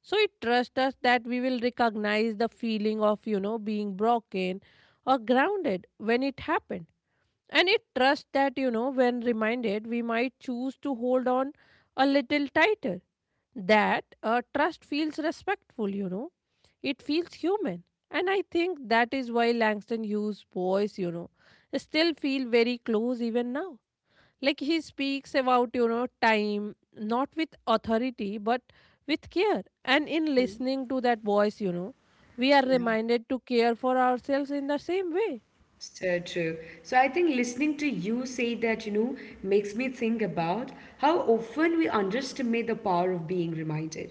Speaker 2: So it trusts us that we will recognize the feeling of being broken or grounded when it happened. And it trusts that, when reminded, we might choose to hold on a little tighter. That trust feels respectful. It feels human. And I think that is why Langston Hughes' voice, still feel very close even now. Like he speaks about, time, not with authority, but with care. And in listening to that voice, we are
Speaker 1: yeah.
Speaker 2: reminded to care for ourselves in the same way.
Speaker 1: So true. So I think listening to you say that, makes me think about how often we underestimate the power of being reminded.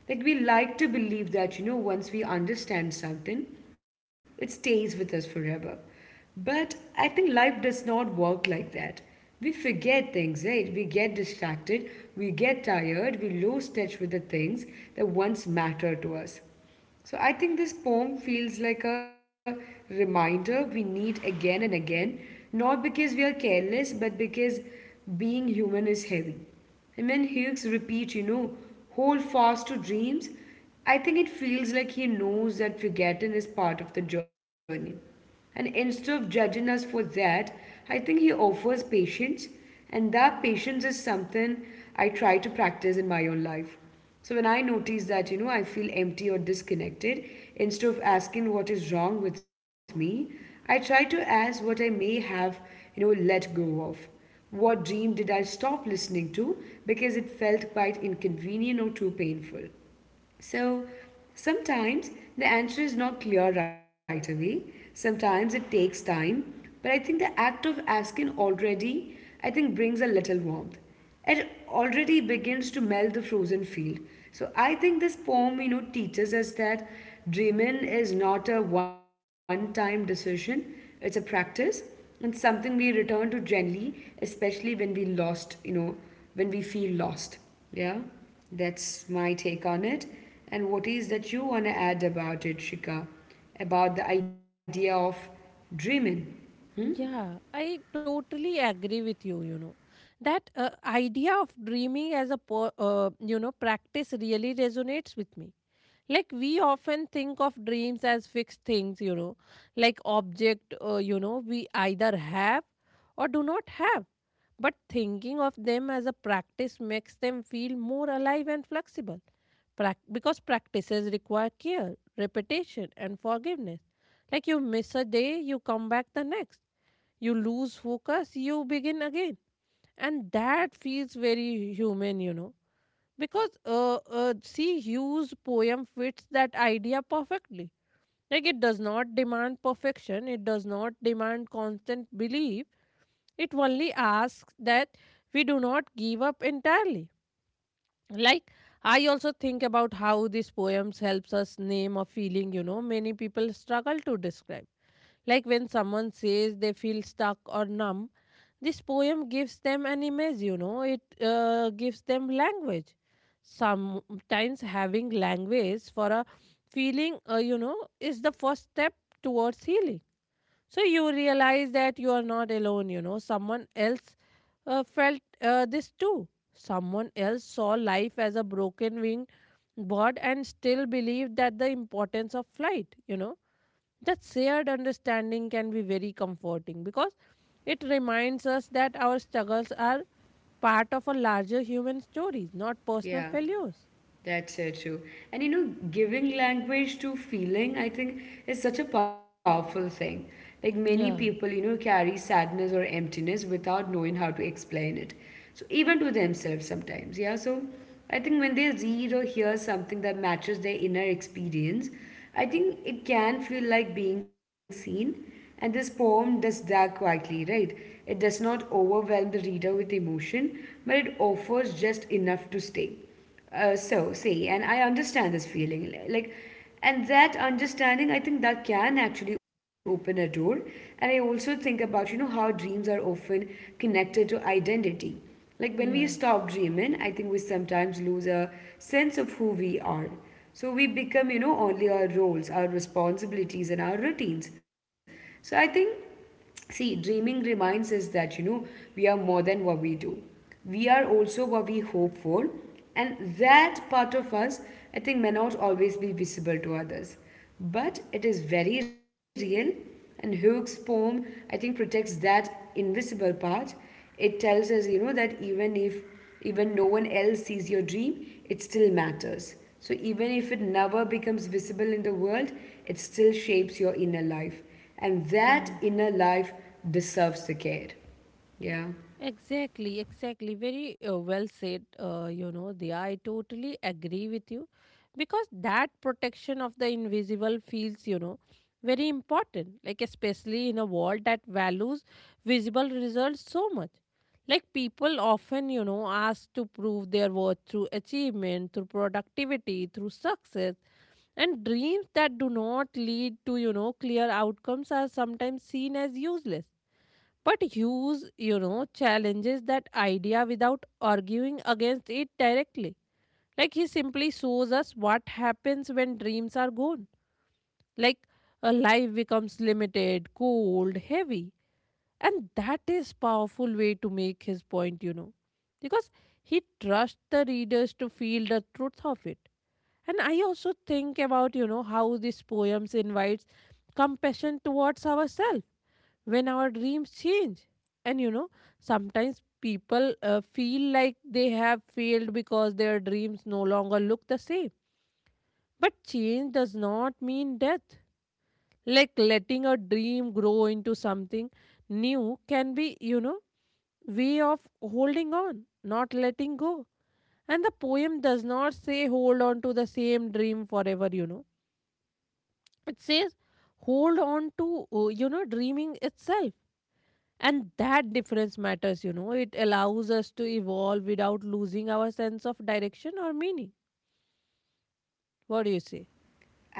Speaker 1: Like we like to believe that, once we understand something, it stays with us forever. But I think life does not work like that. We forget things, right? We get distracted, we get tired, we lose touch with the things that once mattered to us. So I think this poem feels like a reminder we need again and again, not because we are careless, but because being human is heavy. And when Hughes repeats, hold fast to dreams, I think it feels like he knows that forgetting is part of the journey. And instead of judging us for that, I think he offers patience, and that patience is something I try to practice in my own life. So when I notice that, I feel empty or disconnected, instead of asking what is wrong with me, I try to ask what I may have, let go of. What dream did I stop listening to because it felt quite inconvenient or too painful? So sometimes the answer is not clear right away. Sometimes it takes time. But I think the act of asking already, I think, brings a little warmth. It already begins to melt the frozen field. So I think this poem, teaches us that dreaming is not a one time decision, it's a practice and something we return to gently, especially when we lost, when we feel lost. Yeah, that's my take on it. And what is that you want to add about it, Shika? About the idea of dreaming?
Speaker 2: Yeah, I totally agree with you. That idea of dreaming as a practice really resonates with me. Like we often think of dreams as fixed things, like object, we either have or do not have. But thinking of them as a practice makes them feel more alive and flexible. Because practices require care, repetition, and forgiveness. Like you miss a day, you come back the next. You lose focus, you begin again. And that feels very human. Because, see, Hughes' poem fits that idea perfectly. Like, it does not demand perfection, it does not demand constant belief. It only asks that we do not give up entirely. Like, I also think about how these poems helps us name a feeling, many people struggle to describe. Like when someone says they feel stuck or numb, this poem gives them an image, it gives them language. Sometimes having language for a feeling, is the first step towards healing. So you realize that you are not alone, someone else felt this too. Someone else saw life as a broken wing bird and still believed that the importance of flight. That shared understanding can be very comforting because it reminds us that our struggles are part of a larger human stories, not personal
Speaker 1: Yeah.
Speaker 2: failures.
Speaker 1: That's so true. And giving language to feeling, I think, is such a powerful thing. Like many people,
Speaker 2: Yeah,
Speaker 1: carry sadness or emptiness without knowing how to explain it. So even to themselves sometimes, yeah. So I think when they read or hear something that matches their inner experience, I think it can feel like being seen. And this poem does that quietly, right? It does not overwhelm the reader with emotion, but it offers just enough to stay. So, see, and I understand this feeling. Like, and that understanding, I think that can actually open a door. And I also think about, how dreams are often connected to identity. Like, when we
Speaker 2: yeah,
Speaker 1: stop dreaming, I think we sometimes lose a sense of who we are. So, we become, only our roles, our responsibilities, and our routines. So, I think. See, dreaming reminds us that, we are more than what we do. We are also what we hope for. And that part of us, I think, may not always be visible to others. But it is very real. And Hook's poem, I think, protects that invisible part. It tells us, that even if even no one else sees your dream, it still matters. So even if it never becomes visible in the world, it still shapes your inner life. And that
Speaker 2: yeah.
Speaker 1: inner life deserves the care. Yeah.
Speaker 2: Exactly, exactly. Very well said, you know, the I totally agree with you because that protection of the invisible feels, very important, like especially in a world that values visible results so much. Like people often, ask to prove their worth through achievement, through productivity, through success, and dreams that do not lead to, clear outcomes are sometimes seen as useless. But Hughes, challenges that idea without arguing against it directly. Like he simply shows us what happens when dreams are gone. Like a life becomes limited, cold, heavy, and that is powerful way to make his point, because he trusts the readers to feel the truth of it. And I also think about, how this poems invites compassion towards ourselves when our dreams change. And, sometimes people feel like they have failed because their dreams no longer look the same. But change does not mean death. Like letting a dream grow into something new can be, way of holding on, not letting go. And the poem does not say hold on to the same dream forever. It says hold on to, dreaming itself. And that difference matters. It allows us to evolve without losing our sense of direction or meaning. What do you say?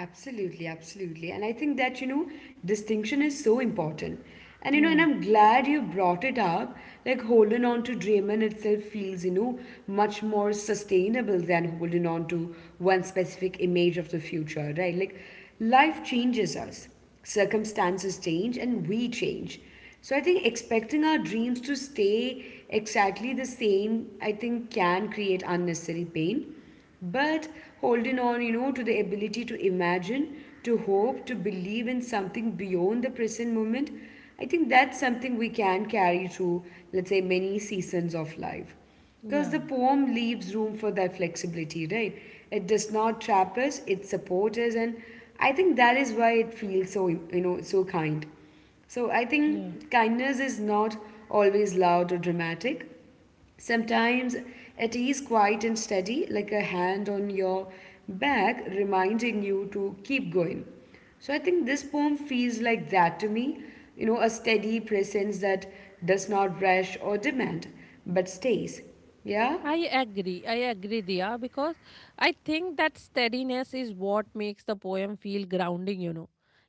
Speaker 1: Absolutely, absolutely. And I think that, distinction is so important. And
Speaker 2: Yeah,
Speaker 1: I'm glad you brought it up. Like, holding on to Draymond itself feels, much more sustainable than holding on to one specific image of the future, right? Like, life changes us, circumstances change, and we change. So I think expecting our dreams to stay exactly the same, I think, can create unnecessary pain. But holding on, to the ability to imagine, to hope, to believe in something beyond the present moment, I think that's something we can carry through, let's say, many seasons of life. Because the
Speaker 2: yeah,
Speaker 1: poem leaves room for that flexibility, right? It does not trap us, it supports us, and I think that is why it feels so, so kind. So I
Speaker 2: yeah.
Speaker 1: think kindness is not always loud or dramatic. Sometimes it is quiet and steady, like a hand on your back reminding you to keep going. So I think this poem feels like that to me, a steady presence that does not rush or demand, but stays. Yeah?
Speaker 2: I agree. I agree, Dia, because I think that steadiness is what makes the poem feel grounding.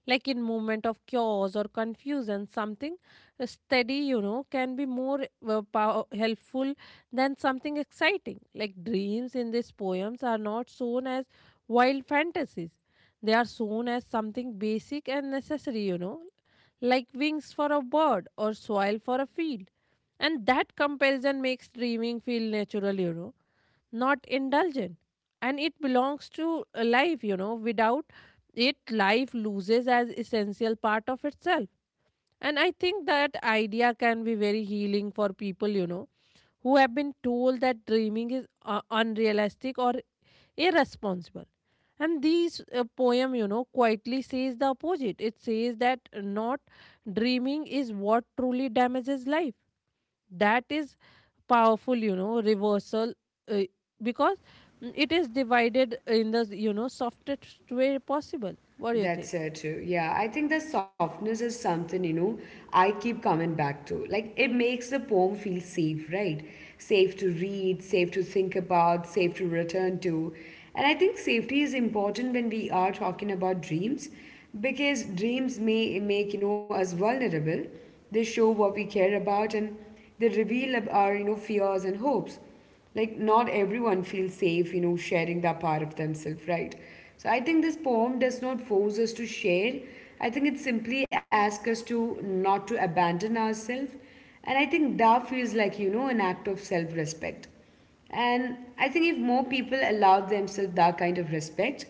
Speaker 2: Like in moment of chaos or confusion, something steady, can be more helpful than something exciting. Like dreams in these poems are not shown as wild fantasies. They are shown as something basic and necessary, like wings for a bird or soil for a field, and that comparison makes dreaming feel natural, not indulgent. And it belongs to a life. Without it, life loses as essential part of itself. And I think that idea can be very healing for people, who have been told that dreaming is unrealistic or irresponsible. And these poem, quietly says the opposite. It says that not dreaming is what truly damages life. That is powerful, reversal, uh, because it is divided in the softest way possible. What do you think?
Speaker 1: That's so true. Yeah, I think the softness is something, I keep coming back to. Like, it makes the poem feel safe, right? Safe to read, safe to think about, safe to return to. And I think safety is important when we are talking about dreams because dreams may make, us vulnerable. They show what we care about, and they reveal our, fears and hopes, like not everyone feels safe sharing that part of themselves, right? So I think this poem does not force us to share. I think it simply asks us to not to abandon ourselves, and I think that feels like an act of self-respect. And I think if more people allow themselves that kind of respect,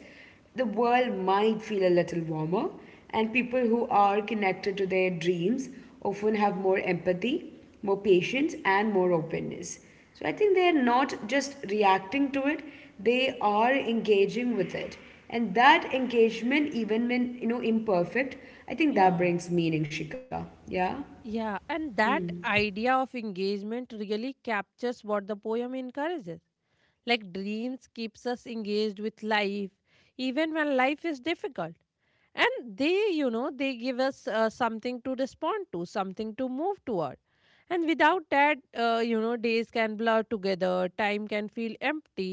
Speaker 1: the world might feel a little warmer, and people who are connected to their dreams often have more empathy, more patience, and more openness. So I think they're not just reacting to it, they are engaging with it. And that engagement, even when imperfect, I think that
Speaker 2: Yeah.
Speaker 1: brings meaning, Shika. Yeah?
Speaker 2: Yeah, and that idea of engagement really captures what the poem encourages. Like dreams keeps us engaged with life even when life is difficult. And they give us something to respond to, something to move toward. And without that, days can blur together, time can feel empty.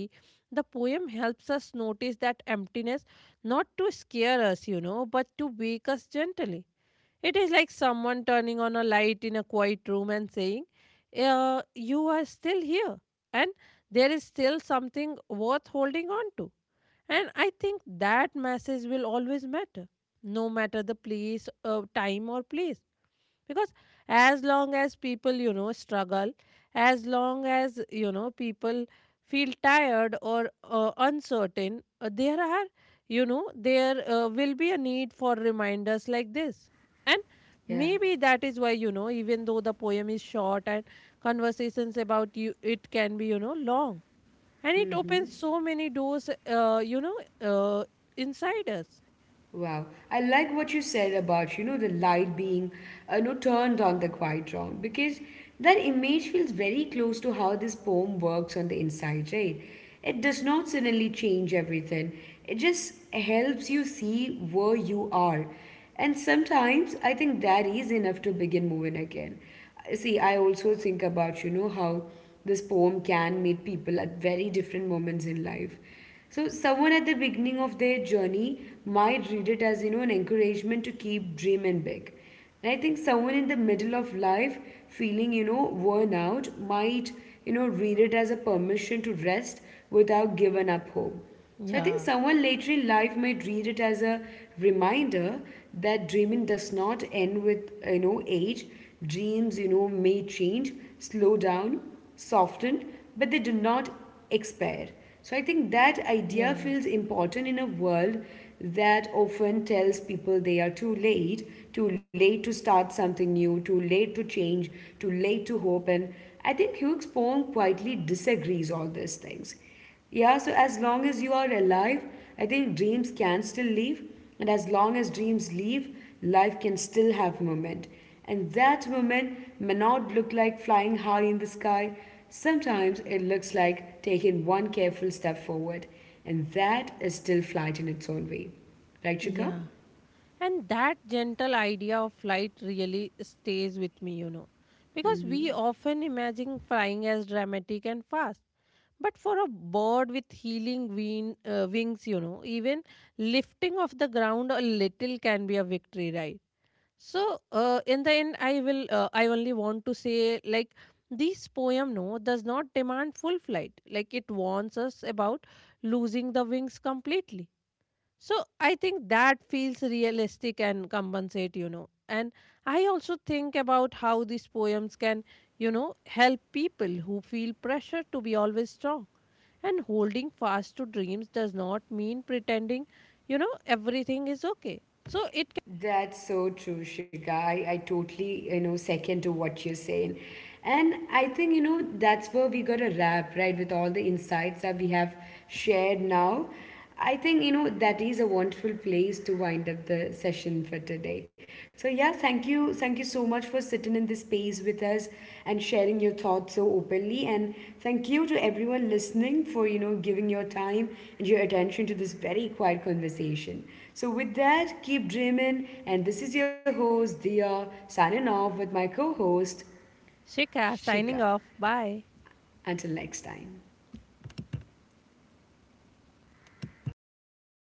Speaker 2: The poem helps us notice that emptiness, not to scare us, but to wake us gently. It is like someone turning on a light in a quiet room and saying, you are still here, and there is still something worth holding on to. And I think that message will always matter, no matter the place, time, or place. Because as long as people, struggle, as long as, people feel tired or uncertain, there are, you know, there will be a need for reminders like this. And
Speaker 1: Yeah.
Speaker 2: maybe that is why, even though the poem is short and conversations about you, it can be, long, and it opens so many doors uh, inside us.
Speaker 1: Wow, I like what you said about the light being turned on the quite wrong, because that image feels very close to how this poem works on the inside, right? It does not suddenly change everything. It just helps you see where you are, and sometimes I think that is enough to begin moving again. See, I also think about how this poem can meet people at very different moments in life, so someone at the beginning of their journey might read it as an encouragement to keep dreaming big. And I think someone in the middle of life feeling worn out might read it as a permission to rest without giving up hope. So I think
Speaker 2: Yeah,
Speaker 1: someone later in life might read it as a reminder that dreaming does not end with age. Dreams, may change, slow down, soften, but they do not expire. So I think that idea
Speaker 2: yeah,
Speaker 1: feels important in a world that often tells people they are too late to start something new, too late to change, too late to hope. And I think Hugh's poem quietly disagrees all these things. Yeah, so as long as you are alive, I think dreams can still live. And as long as dreams live, life can still have moment. And that moment may not look like flying high in the sky. Sometimes it looks like taking one careful step forward. And that is still flight in its own way. Right, Shika?
Speaker 2: yeah, and that gentle idea of flight really stays with me, because we often imagine flying as dramatic and fast. But for a bird with healing wings, even lifting off the ground a little can be a victory, right? So in the end, I will. I only want to say, like, this poem, no, does not demand full flight. Like it warns us about losing the wings completely. So I think that feels realistic and compensate. And I also think about how these poems can, help people who feel pressure to be always strong. And holding fast to dreams does not mean pretending, everything is okay. So it
Speaker 1: That's so true, Shika. I totally, second to what you're saying. And I think, that's where we got a wrap, right, with all the insights that we have shared now. I think, that is a wonderful place to wind up the session for today. So, yeah, thank you. Thank you so much for sitting in this space with us and sharing your thoughts so openly. And thank you to everyone listening for, giving your time and your attention to this very quiet conversation. So, with that, keep dreaming. And this is your host, Diya, signing off with my co host,
Speaker 2: Shika
Speaker 1: Shika.
Speaker 2: signing off. Bye.
Speaker 1: Until next time.